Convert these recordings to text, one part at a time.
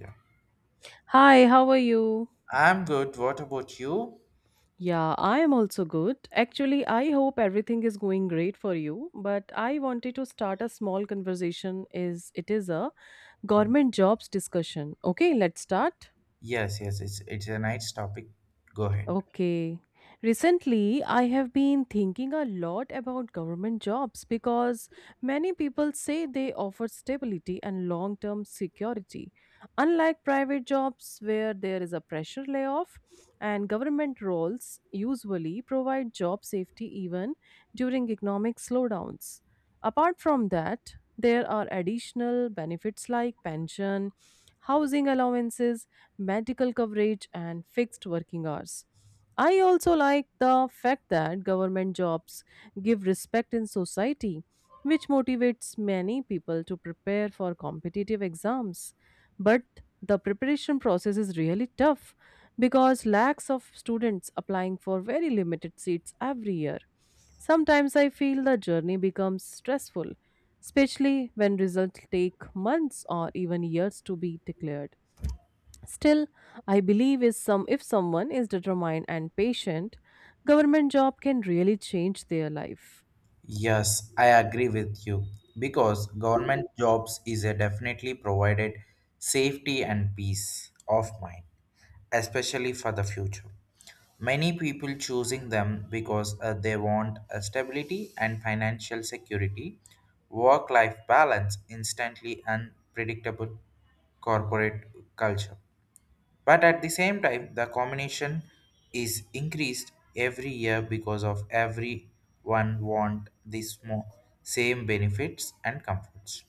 Yeah. Hi, how are you? I'm good. What about you? Yeah, I am also good. Actually, I hope everything is going great for you, but I wanted to start a small conversation is it is a government jobs discussion. Okay, let's start. Yes, yes, it's a nice topic. Go ahead. Okay. Recently, I have been thinking a lot about government jobs because many people say they offer stability and long term security. Unlike private jobs where there is a pressure layoff, and government roles usually provide job safety even during economic slowdowns. Apart from that, there are additional benefits like pension, housing allowances, medical coverage, and fixed working hours. I also like the fact that government jobs give respect in society, which motivates many people to prepare for competitive exams. But the preparation process is really tough because lakhs of students applying for very limited seats every year. Sometimes I feel the journey becomes stressful, especially when results take months or even years to be declared. Still, I believe is some if someone is determined and patient, government job can really change their life. Yes, I agree with you because government jobs is a definitely provided safety and peace of mind, especially for the future. Many people choosing them because they want a stability and financial security, work-life balance, instantly unpredictable corporate culture. But at the same time, the combination is increased every year because of everyone want the same benefits and comforts.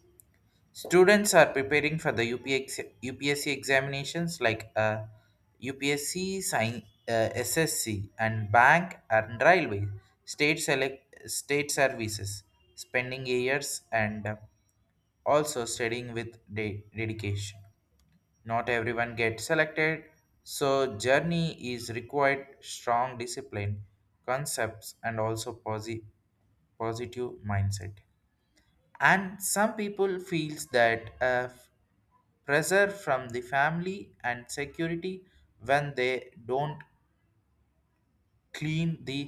Students are preparing for the UPX, UPSC examinations like UPSC, sign, SSC, and bank and railway, state select, state services, spending years and also studying with dedication. Not everyone gets selected, so journey is required strong discipline, concepts, and also positive mindset. And some people feels that pressure from the family and security when they don't clean the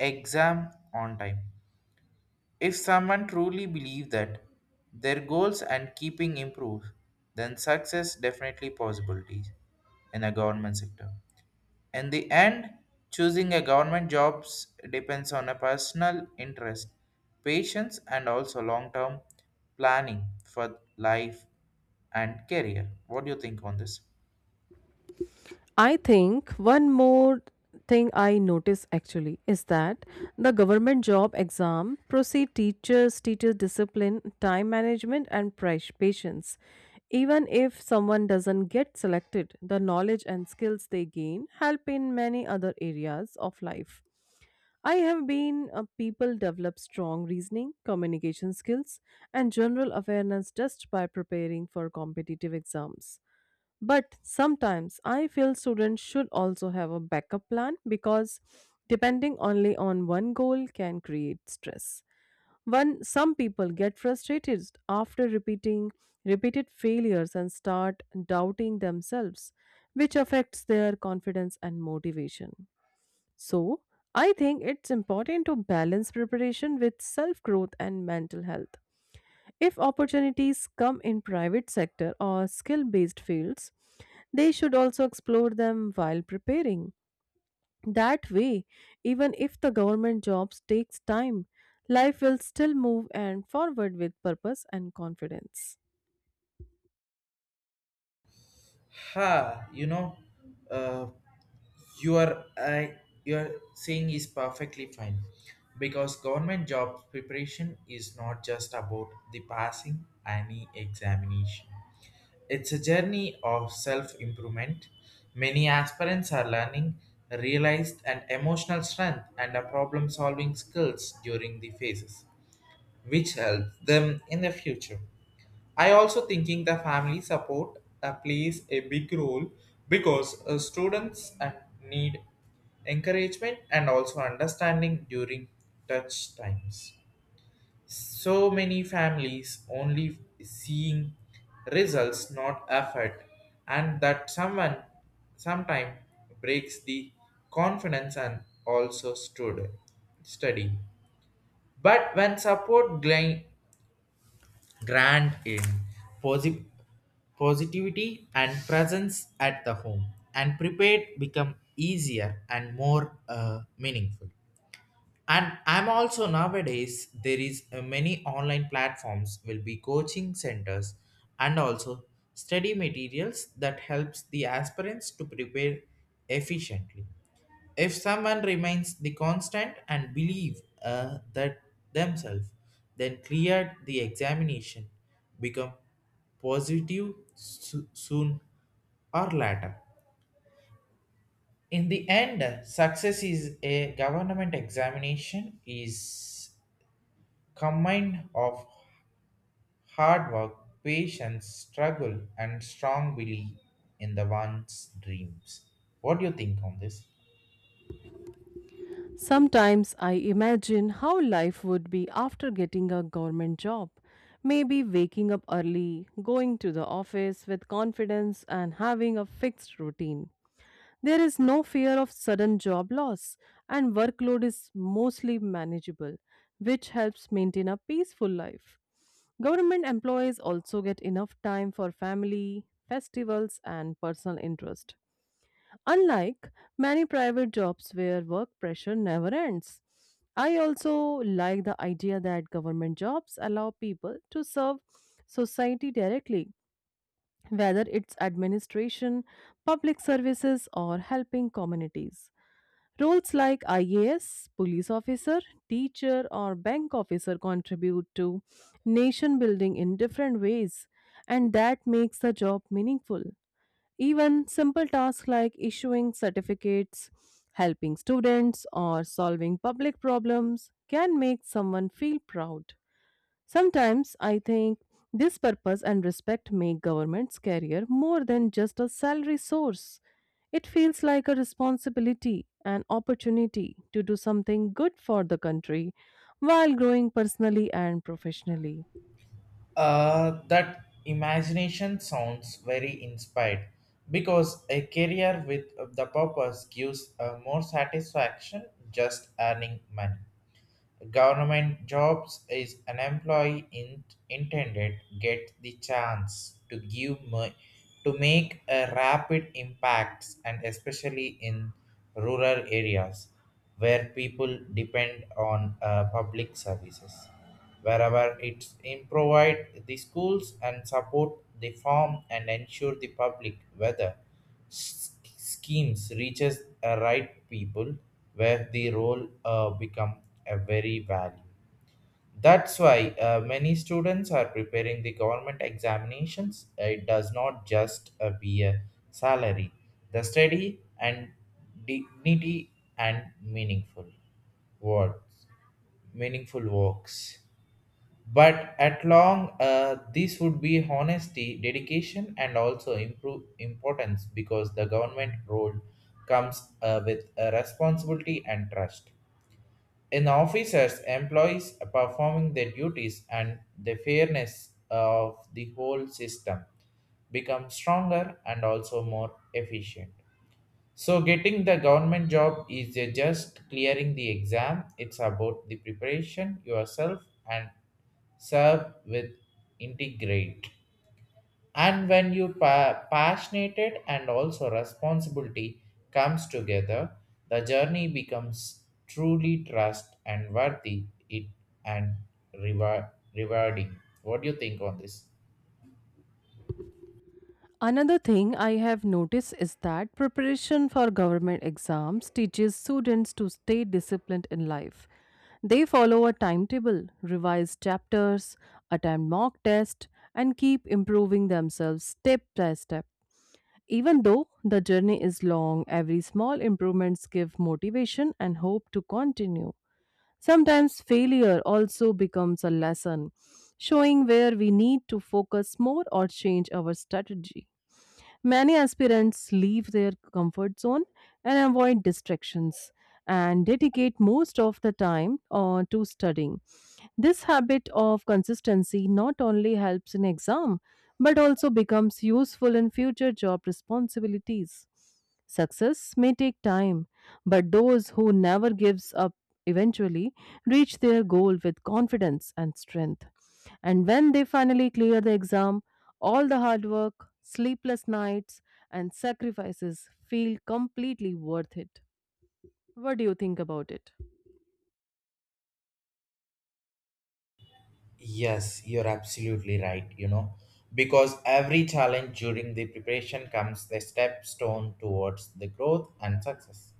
exam on time. If someone truly believe that their goals and keeping improve, then success definitely possibilities in a government sector. In the end, choosing a government jobs depends on a personal interest, patience, and also long-term planning for life and career. What do you think on this? I think one more thing I notice actually is that the government job exam proceed teachers, teacher discipline, time management, and price patience. Even if someone doesn't get selected, the knowledge and skills they gain help in many other areas of life. I have been people develop strong reasoning, communication skills, and general awareness just by preparing for competitive exams. But sometimes I feel students should also have a backup plan because depending only on one goal can create stress. When some people get frustrated after repeating repeated failures and start doubting themselves, which affects their confidence and motivation. So, I think it's important to balance preparation with self growth and mental health if opportunities come in private sector or skill based fields, they should also explore them while preparing. That way, even if the government jobs takes time, life will still move and forward with purpose and confidence. Ha, you know, uh, your uh, your saying is perfectly fine because government job preparation is not just about the passing any examination. It's a journey of self improvement. Many aspirants are learning realized and emotional strength and a problem solving skills during the phases, which helps them in the future. I also thinking the family support plays a big role because students need encouragement and also understanding during touch times. So many families only seeing results, not effort, and that someone sometime breaks the confidence and also study. But when support grand in posi- positivity and presence at the home and prepared become easier and more meaningful. And I'm also nowadays there is many online platforms will be coaching centers and also study materials that helps the aspirants to prepare efficiently. If someone remains the constant and believe that themselves, then cleared the examination, become positive soon or later. In the end, success is a government examination is combined of hard work, patience, struggle, and strong belief in the one's dreams. What do you think on this? Sometimes I imagine how life would be after getting a government job. Maybe waking up early, going to the office with confidence, and having a fixed routine. There is no fear of sudden job loss, and workload is mostly manageable, which helps maintain a peaceful life. Government employees also get enough time for family, festivals, and personal interest. Unlike many private jobs where work pressure never ends, I also like the idea that government jobs allow people to serve society directly, whether it's administration, public services, or helping communities. Roles like IAS, police officer, teacher, or bank officer contribute to nation building in different ways, and that makes the job meaningful. Even simple tasks like issuing certificates, helping students, or solving public problems can make someone feel proud. Sometimes I think this purpose and respect make government's career more than just a salary source. It feels like a responsibility and opportunity to do something good for the country while growing personally and professionally. That imagination sounds very inspired because a career with the purpose gives more satisfaction just earning money. Government jobs is an employee intended get the chance to to make a rapid impacts and especially in rural areas where people depend on public services wherever it's in provide the schools and support the farm and ensure the public weather schemes reaches the right people where the role become a very value. That's why many students are preparing the government examinations. It does not just be a salary, the study and dignity and words meaningful works. But at long this would be honesty dedication and also improve importance because the government role comes with a responsibility and trust in officers employees performing their duties and the fairness of the whole system become stronger and also more efficient. So, getting the government job is just clearing the exam. It's about the preparation yourself and serve with integrate. And when you passionate and also responsibility comes together, the journey becomes truly trust and worthy it and reward rewarding. What do you think on this? Another thing I have noticed is that preparation for government exams teaches students to stay disciplined in life. They follow a timetable, revise chapters, attempt mock tests, and keep improving themselves step by step. Even though the journey is long, every small improvements give motivation and hope to continue. Sometimes failure also becomes a lesson, showing where we need to focus more or change our strategy. Many aspirants leave their comfort zone and avoid distractions and dedicate most of the time to studying. This habit of consistency not only helps in exam but also becomes useful in future job responsibilities. Success may take time, but those who never gives up eventually reach their goal with confidence and strength. And when they finally clear the exam, all the hard work, sleepless nights and sacrifices feel completely worth it. What do you think about it? Yes, you're absolutely right, because every challenge during the preparation comes the stepstone towards the growth and success.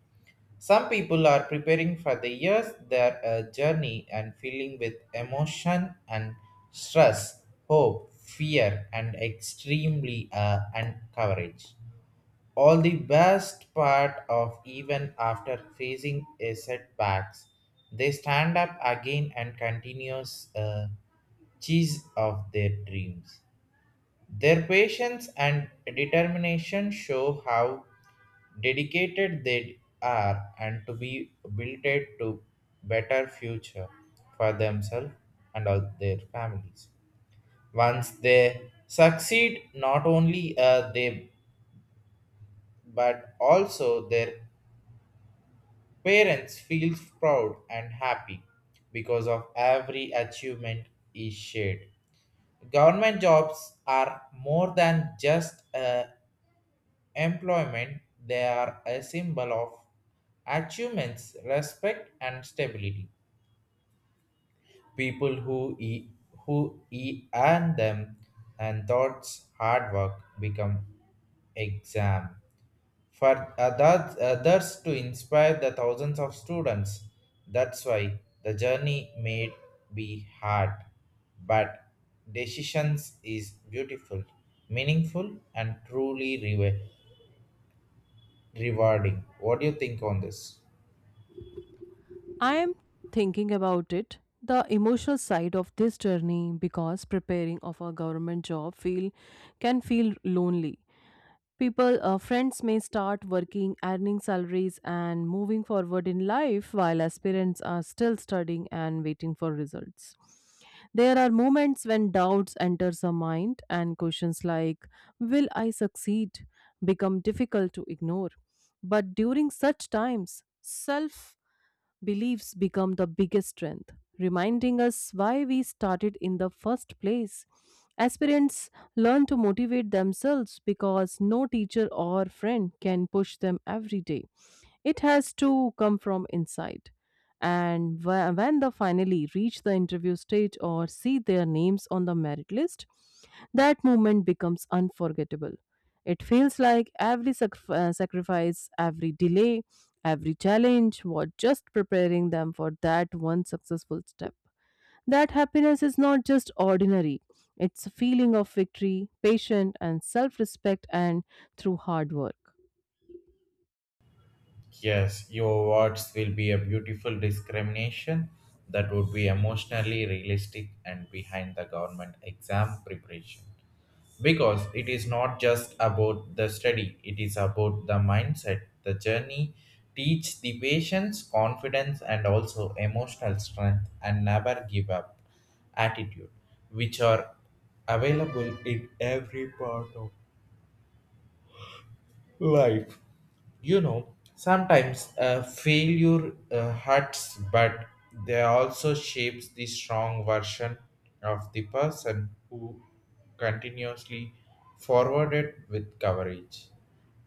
Some people are preparing for the years their journey and feeling with emotion and stress, hope, fear, and extremely and courage. All the best part of even after facing a setbacks, they stand up again and continues chase of their dreams. Their patience and determination show how dedicated they are and to be built to better future for themselves and all their families. Once they succeed, not only they but also their parents feel proud and happy because of every achievement is shared. Government jobs are more than just a employment, they are a symbol of achievements, respect, and stability. People earn them and thoughts hard work become exam for others, others to inspire the thousands of students. That's why the journey may be hard, but decisions is beautiful, meaningful, and truly rewarding. What do you think on this? I am thinking about it, the emotional side of this journey because preparing of a government job feel can feel lonely. People, friends may start working, earning salaries, and moving forward in life while aspirants are still studying and waiting for results. There are moments when doubts enter the mind and questions like, "Will I succeed?" become difficult to ignore. But during such times, self beliefs become the biggest strength, reminding us why we started in the first place. Aspirants learn to motivate themselves because no teacher or friend can push them every day. It has to come from inside. And when they finally reach the interview stage or see their names on the merit list, that moment becomes unforgettable. It feels like every sacrifice, every delay, every challenge was just preparing them for that one successful step. That happiness is not just ordinary, it's a feeling of victory, patience, and self respect, and through hard work. Yes, your words will be a beautiful discrimination that would be emotionally realistic and behind the government exam preparation. Because it is not just about the study, it is about the mindset. The journey teach the patience confidence and also emotional strength and never give up attitude, which are available in every part of life. Sometimes failure hurts, but they also shapes the strong version of the person who continuously forwarded with coverage.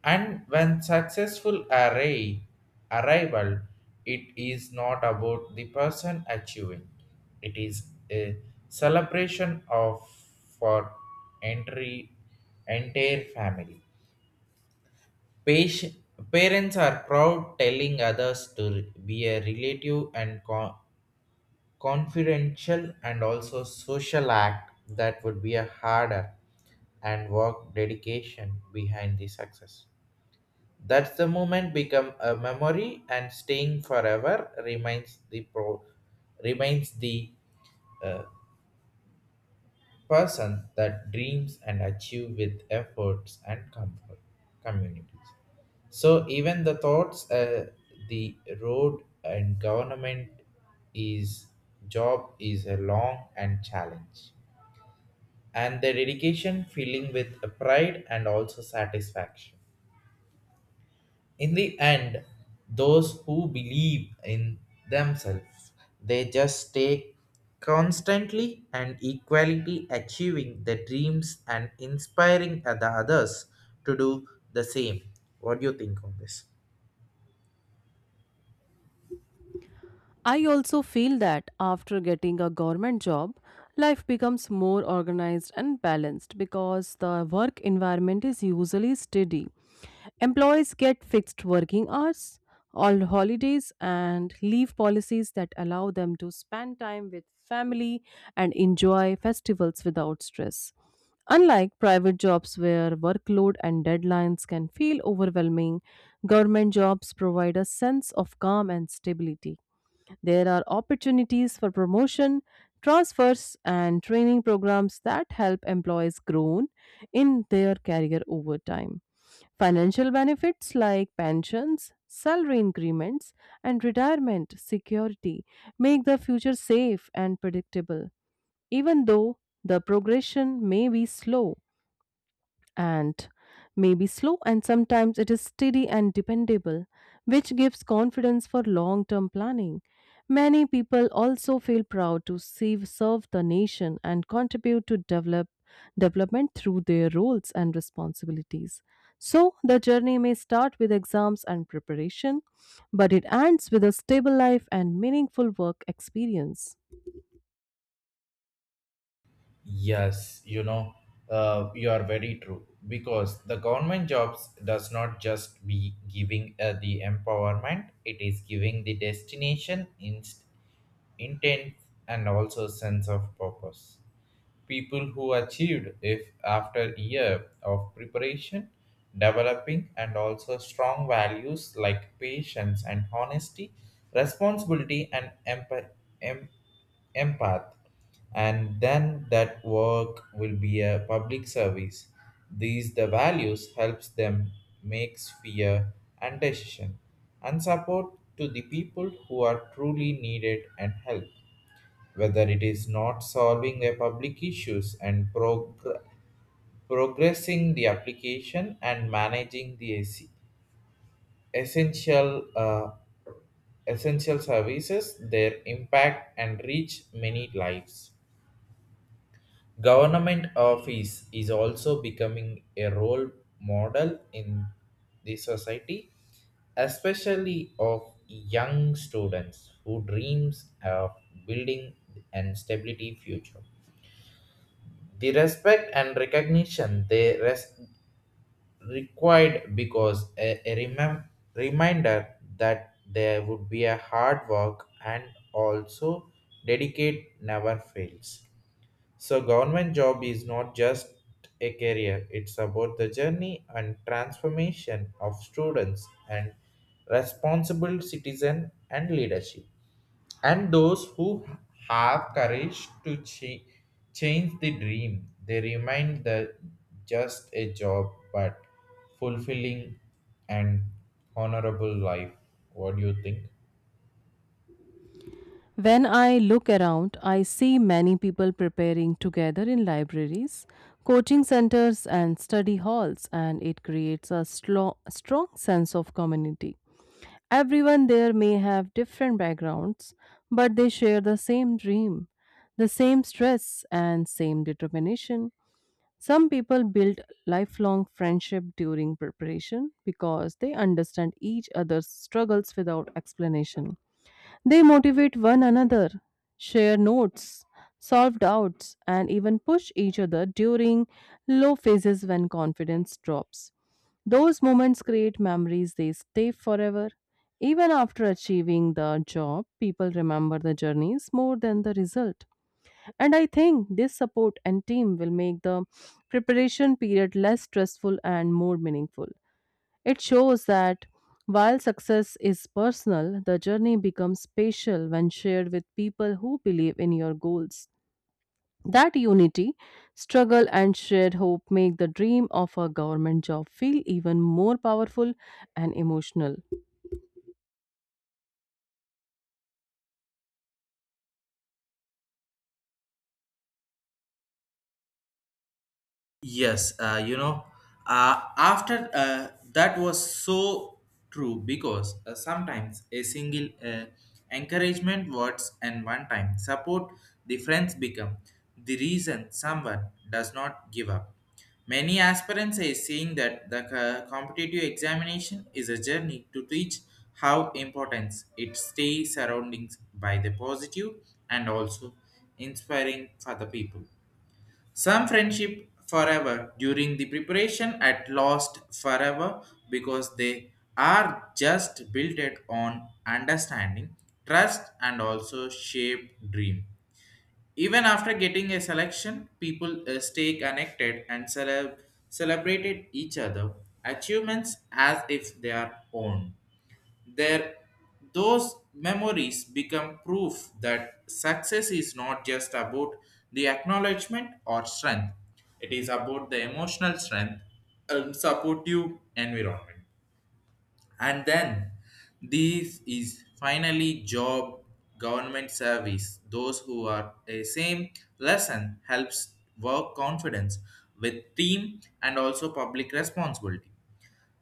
And when successful array arrival, it is not about the person achieving. It is a celebration of for entry entire family. Patient, parents are proud telling others to be a relative and confidential and also social act that would be a harder and work dedication behind the success. That's the moment become a memory and staying forever, remains the uh, person that dreams and achieve with efforts and comfort communities. So even the thoughts the road and government is job is a long and challenge and the dedication feeling with pride and also satisfaction. In the end, those who believe in themselves, they just stay constantly and equality achieving their dreams and inspiring the others to do the same. What do you think on this? I also feel that after getting a government job, life becomes more organized and balanced because the work environment is usually steady. Employees get fixed working hours, all holidays, and leave policies that allow them to spend time with family and enjoy festivals without stress. Unlike private jobs where workload and deadlines can feel overwhelming, government jobs provide a sense of calm and stability. There are opportunities for promotion, transfers, and training programs that help employees grow in their career over time. Financial benefits like pensions, salary increments, and retirement security make the future safe and predictable, even though the progression may be slow and sometimes it is steady and dependable, which gives confidence for long term planning. Many people also feel proud to serve the nation and contribute to development through their roles and responsibilities. So the journey may start with exams and preparation, but it ends with a stable life and meaningful work experience. Yes, you are very true because the government jobs does not just be giving the empowerment; it is giving the destination, intent, and also sense of purpose. People who achieved if after year of preparation developing and also strong values like patience and honesty, responsibility and em- empath, and then that work will be a public service. These the values helps them makes fear and decision and support to the people who are truly needed and help, whether it is not solving a public issues and progressing the application and managing the AC. Essential uh, services, their impact and reach many lives. Government office is also becoming a role model in the society, especially of young students who dreams of building an stability future. The respect and recognition they required because a reminder that there would be a hard work and also dedicate never fails. So government job is not just a career, it's about the journey and transformation of students and responsible citizen and leadership, and those who have courage to change the dream, they remind the just a job but fulfilling and honorable life. What do you think? When I look around, I see many people preparing together in libraries, coaching centers, and study halls, and it creates a strong sense of community. Everyone there may have different backgrounds, but they share the same dream, the same stress, and same determination. Some people build lifelong friendship during preparation because they understand each other's struggles without explanation. They motivate one another, share notes, solve doubts, and even push each other during low phases when confidence drops. Those moments create memories they stay forever. Even after achieving the job, people remember the journeys more than the result. And I think this support and team will make the preparation period less stressful and more meaningful. It shows that while success is personal, the journey becomes special when shared with people who believe in your goals. That unity, struggle, and shared hope make the dream of a government job feel even more powerful and emotional. Yes, after that was so true because sometimes a single encouragement words and one time support the friends become the reason someone does not give up. Many aspirants are saying that the competitive examination is a journey to teach how important it stays surroundings by the positive and also inspiring for the people. Some friendship forever during the preparation at lost forever because they are just built it on understanding, trust, and also shape dream. Even after getting a selection, people stay connected and celebrated each other achievements as if they are own there. Those memories become proof that success is not just about the acknowledgement or strength, it is about the emotional strength and supportive environment. And then this is finally job, government service, those who are a same lesson helps work confidence with team and also public responsibility.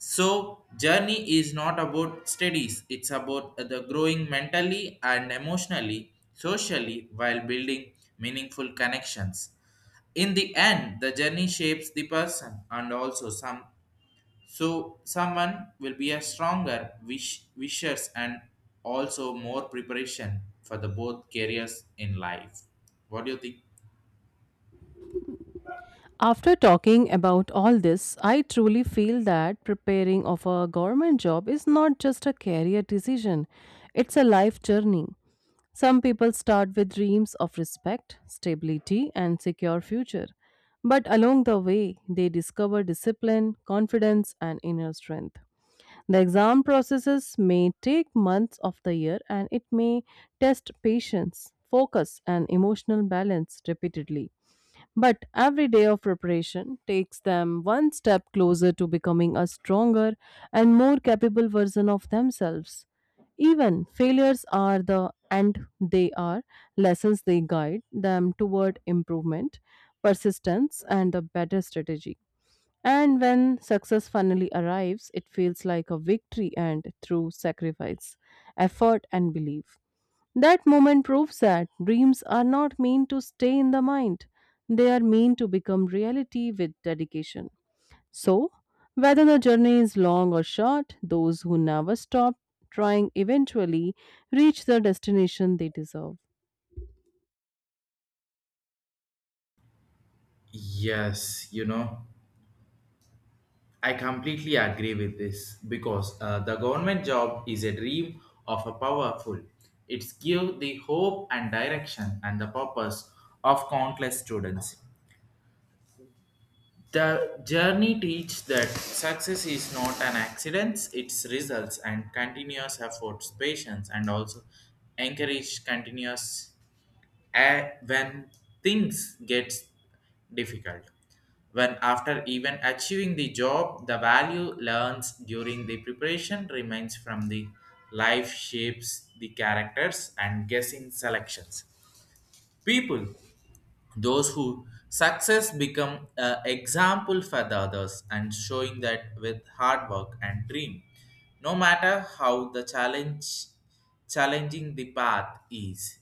So, journey is not about studies, it's about the growing mentally and emotionally, socially, while building meaningful connections. In the end, the journey shapes the person and also someone will be a stronger wish, wishers and also more preparation for the both careers in life. What do you think? After talking about all this, I truly feel that preparing of a government job is not just a career decision, it's a life journey. Some people start with dreams of respect, stability, and secure future. But along the way, they discover discipline, confidence, and inner strength. The exam processes may take months of the year and it may test patience, focus, and emotional balance repeatedly. But every day of preparation takes them one step closer to becoming a stronger and more capable version of themselves. Even failures are the and they are lessons they guide them toward improvement, persistence, and a better strategy. And when success finally arrives, it feels like a victory and through sacrifice, effort, and belief. That moment proves that dreams are not meant to stay in the mind, they are meant to become reality with dedication. So, whether the journey is long or short, those who never stop trying eventually reach the destination they deserve. Yes, I completely agree with this because the government job is a dream of a powerful. It's give the hope and direction and the purpose of countless students. The journey teach that success is not an accident, it's results and continuous efforts, patience and also encourage continuous. And when things get difficult, when after even achieving the job, the value learns during the preparation remains from the life shapes the characters and guessing selections. People those who success become an example for the others and showing that with hard work and dream, no matter how the challenge challenging the path is,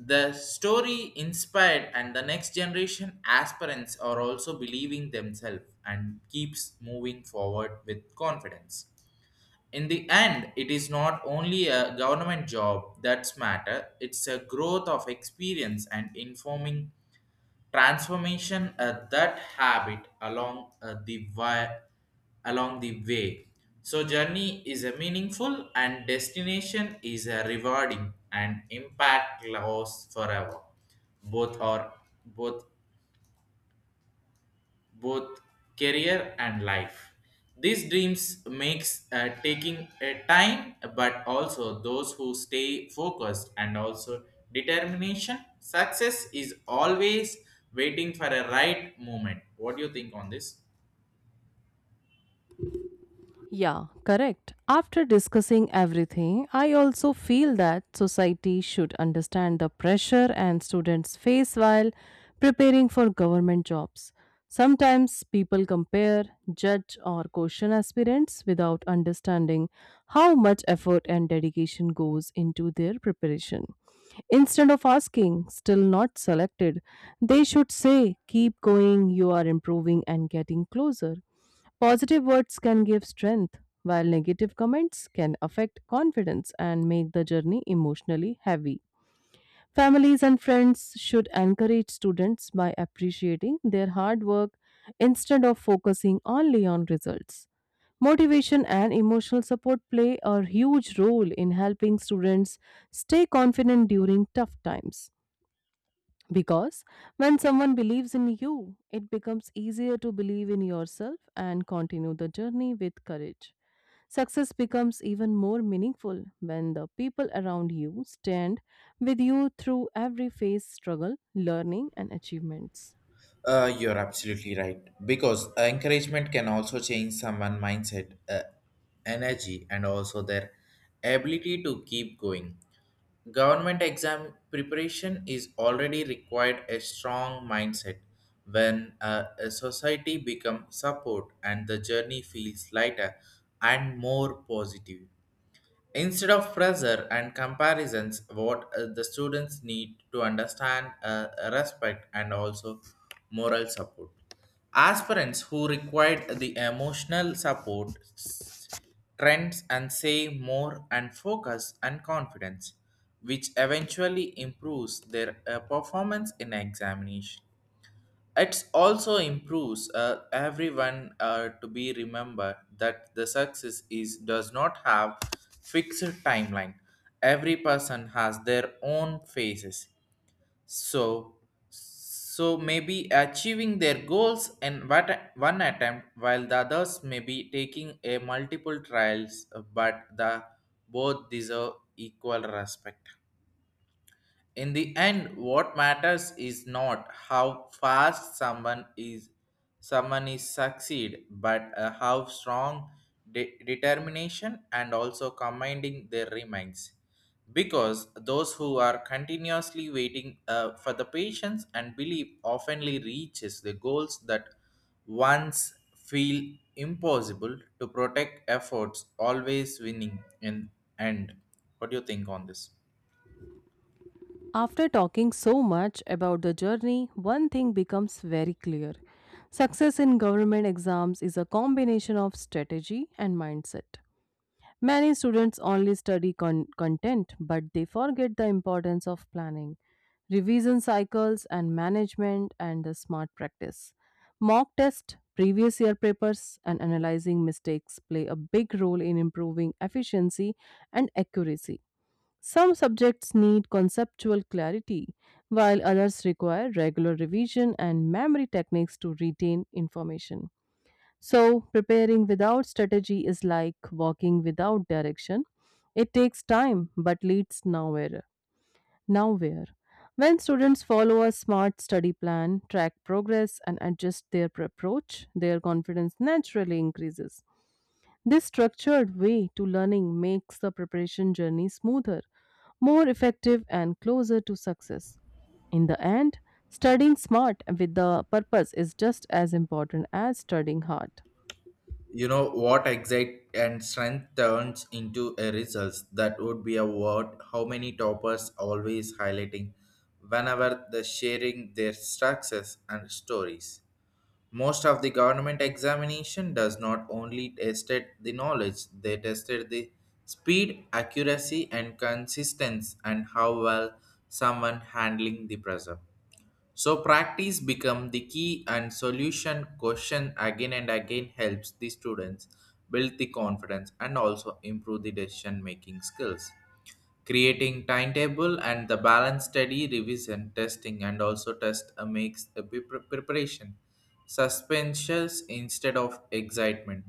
the story inspired, and the next generation aspirants are also believing themselves and keeps moving forward with confidence. In the end, it is not only a government job that's matter; it's a growth of experience and informing transformation that habit along along the way. So journey is a meaningful and destination is a rewarding and impact lasts forever, both are both both career and life. These dreams makes taking a time, but also those who stay focused and also determination. Success is always waiting for a right moment. What do you think on this? Yeah, correct. After discussing everything, I also feel that society should understand the pressure and students face while preparing for government jobs. Sometimes people compare, judge, or question aspirants without understanding how much effort and dedication goes into their preparation. Instead of asking, "Still not selected?", they should say, "Keep going, you are improving and getting closer." Positive words can give strength, while negative comments can affect confidence and make the journey emotionally heavy. Families and friends should encourage students by appreciating their hard work instead of focusing only on results. Motivation and emotional support play a huge role in helping students stay confident during tough times. Because when someone believes in you, it becomes easier to believe in yourself and continue the journey with courage. Success becomes even more meaningful when the people around you stand with you through every phase struggle, learning, and achievements. You're absolutely right. Because encouragement can also change someone's mindset, energy, and also their ability to keep going. Government exam preparation is already required a strong mindset. When a society becomes support and the journey feels lighter and more positive. Instead of pressure and comparisons, what the students need to understand respect and also moral support. Aspirants who required the emotional support trends and save more and focus and confidence, which eventually improves their performance in examination. It also improves everyone to be remembered that the success is does not have fixed timeline. Every person has their own phases. So, so maybe achieving their goals in one attempt, while the others may be taking a multiple trials, but the both deserve equal respect. In the end, what matters is not how fast someone is succeed, but how strong determination and also commanding their remains. Because those who are continuously waiting for the patience and belief oftenly reaches the goals that once feel impossible to protect, efforts always winning in end. What do you think on this? After talking so much about the journey, one thing becomes very clear. Success in government exams is a combination of strategy and mindset. Many students only study content, but they forget the importance of planning, revision cycles, and management and the smart practice. Mock tests, previous year papers, and analyzing mistakes play a big role in improving efficiency and accuracy. Some subjects need conceptual clarity, while others require regular revision and memory techniques to retain information. So, preparing without strategy is like walking without direction. It takes time but leads nowhere. Nowhere. When students follow a smart study plan, track progress, and adjust their approach, their confidence naturally increases. This structured way to learning makes the preparation journey smoother, more effective, and closer to success. In the end, studying smart with the purpose is just as important as studying hard. What exact and strength turns into a results that would be a word, how many toppers always highlighting whenever they're sharing their success and stories. Most of the government examination does not only tested the knowledge, they tested the speed accuracy and consistency and how well someone handling the pressure. So practice become the key and solution, question again and again helps the students build the confidence and also improve the decision making skills. Creating timetable and the balance study revision testing and also test makes the preparation suspensions instead of excitement.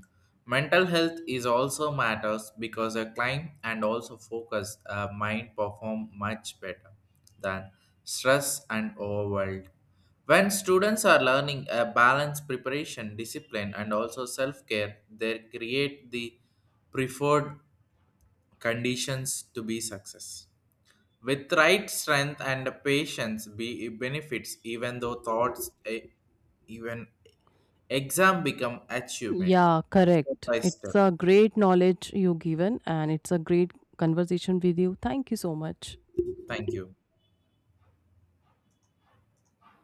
Mental health is also matters because a climb and also focus mind perform much better than stress and overwhelmed. When students are learning a balanced preparation, discipline, and also self care, they create the preferred conditions to be success. With right strength and patience, be benefits even though even exam become achievement Yeah, step correct. by step. It's a great knowledge you given and it's a great conversation with you. Thank you so much. Thank you.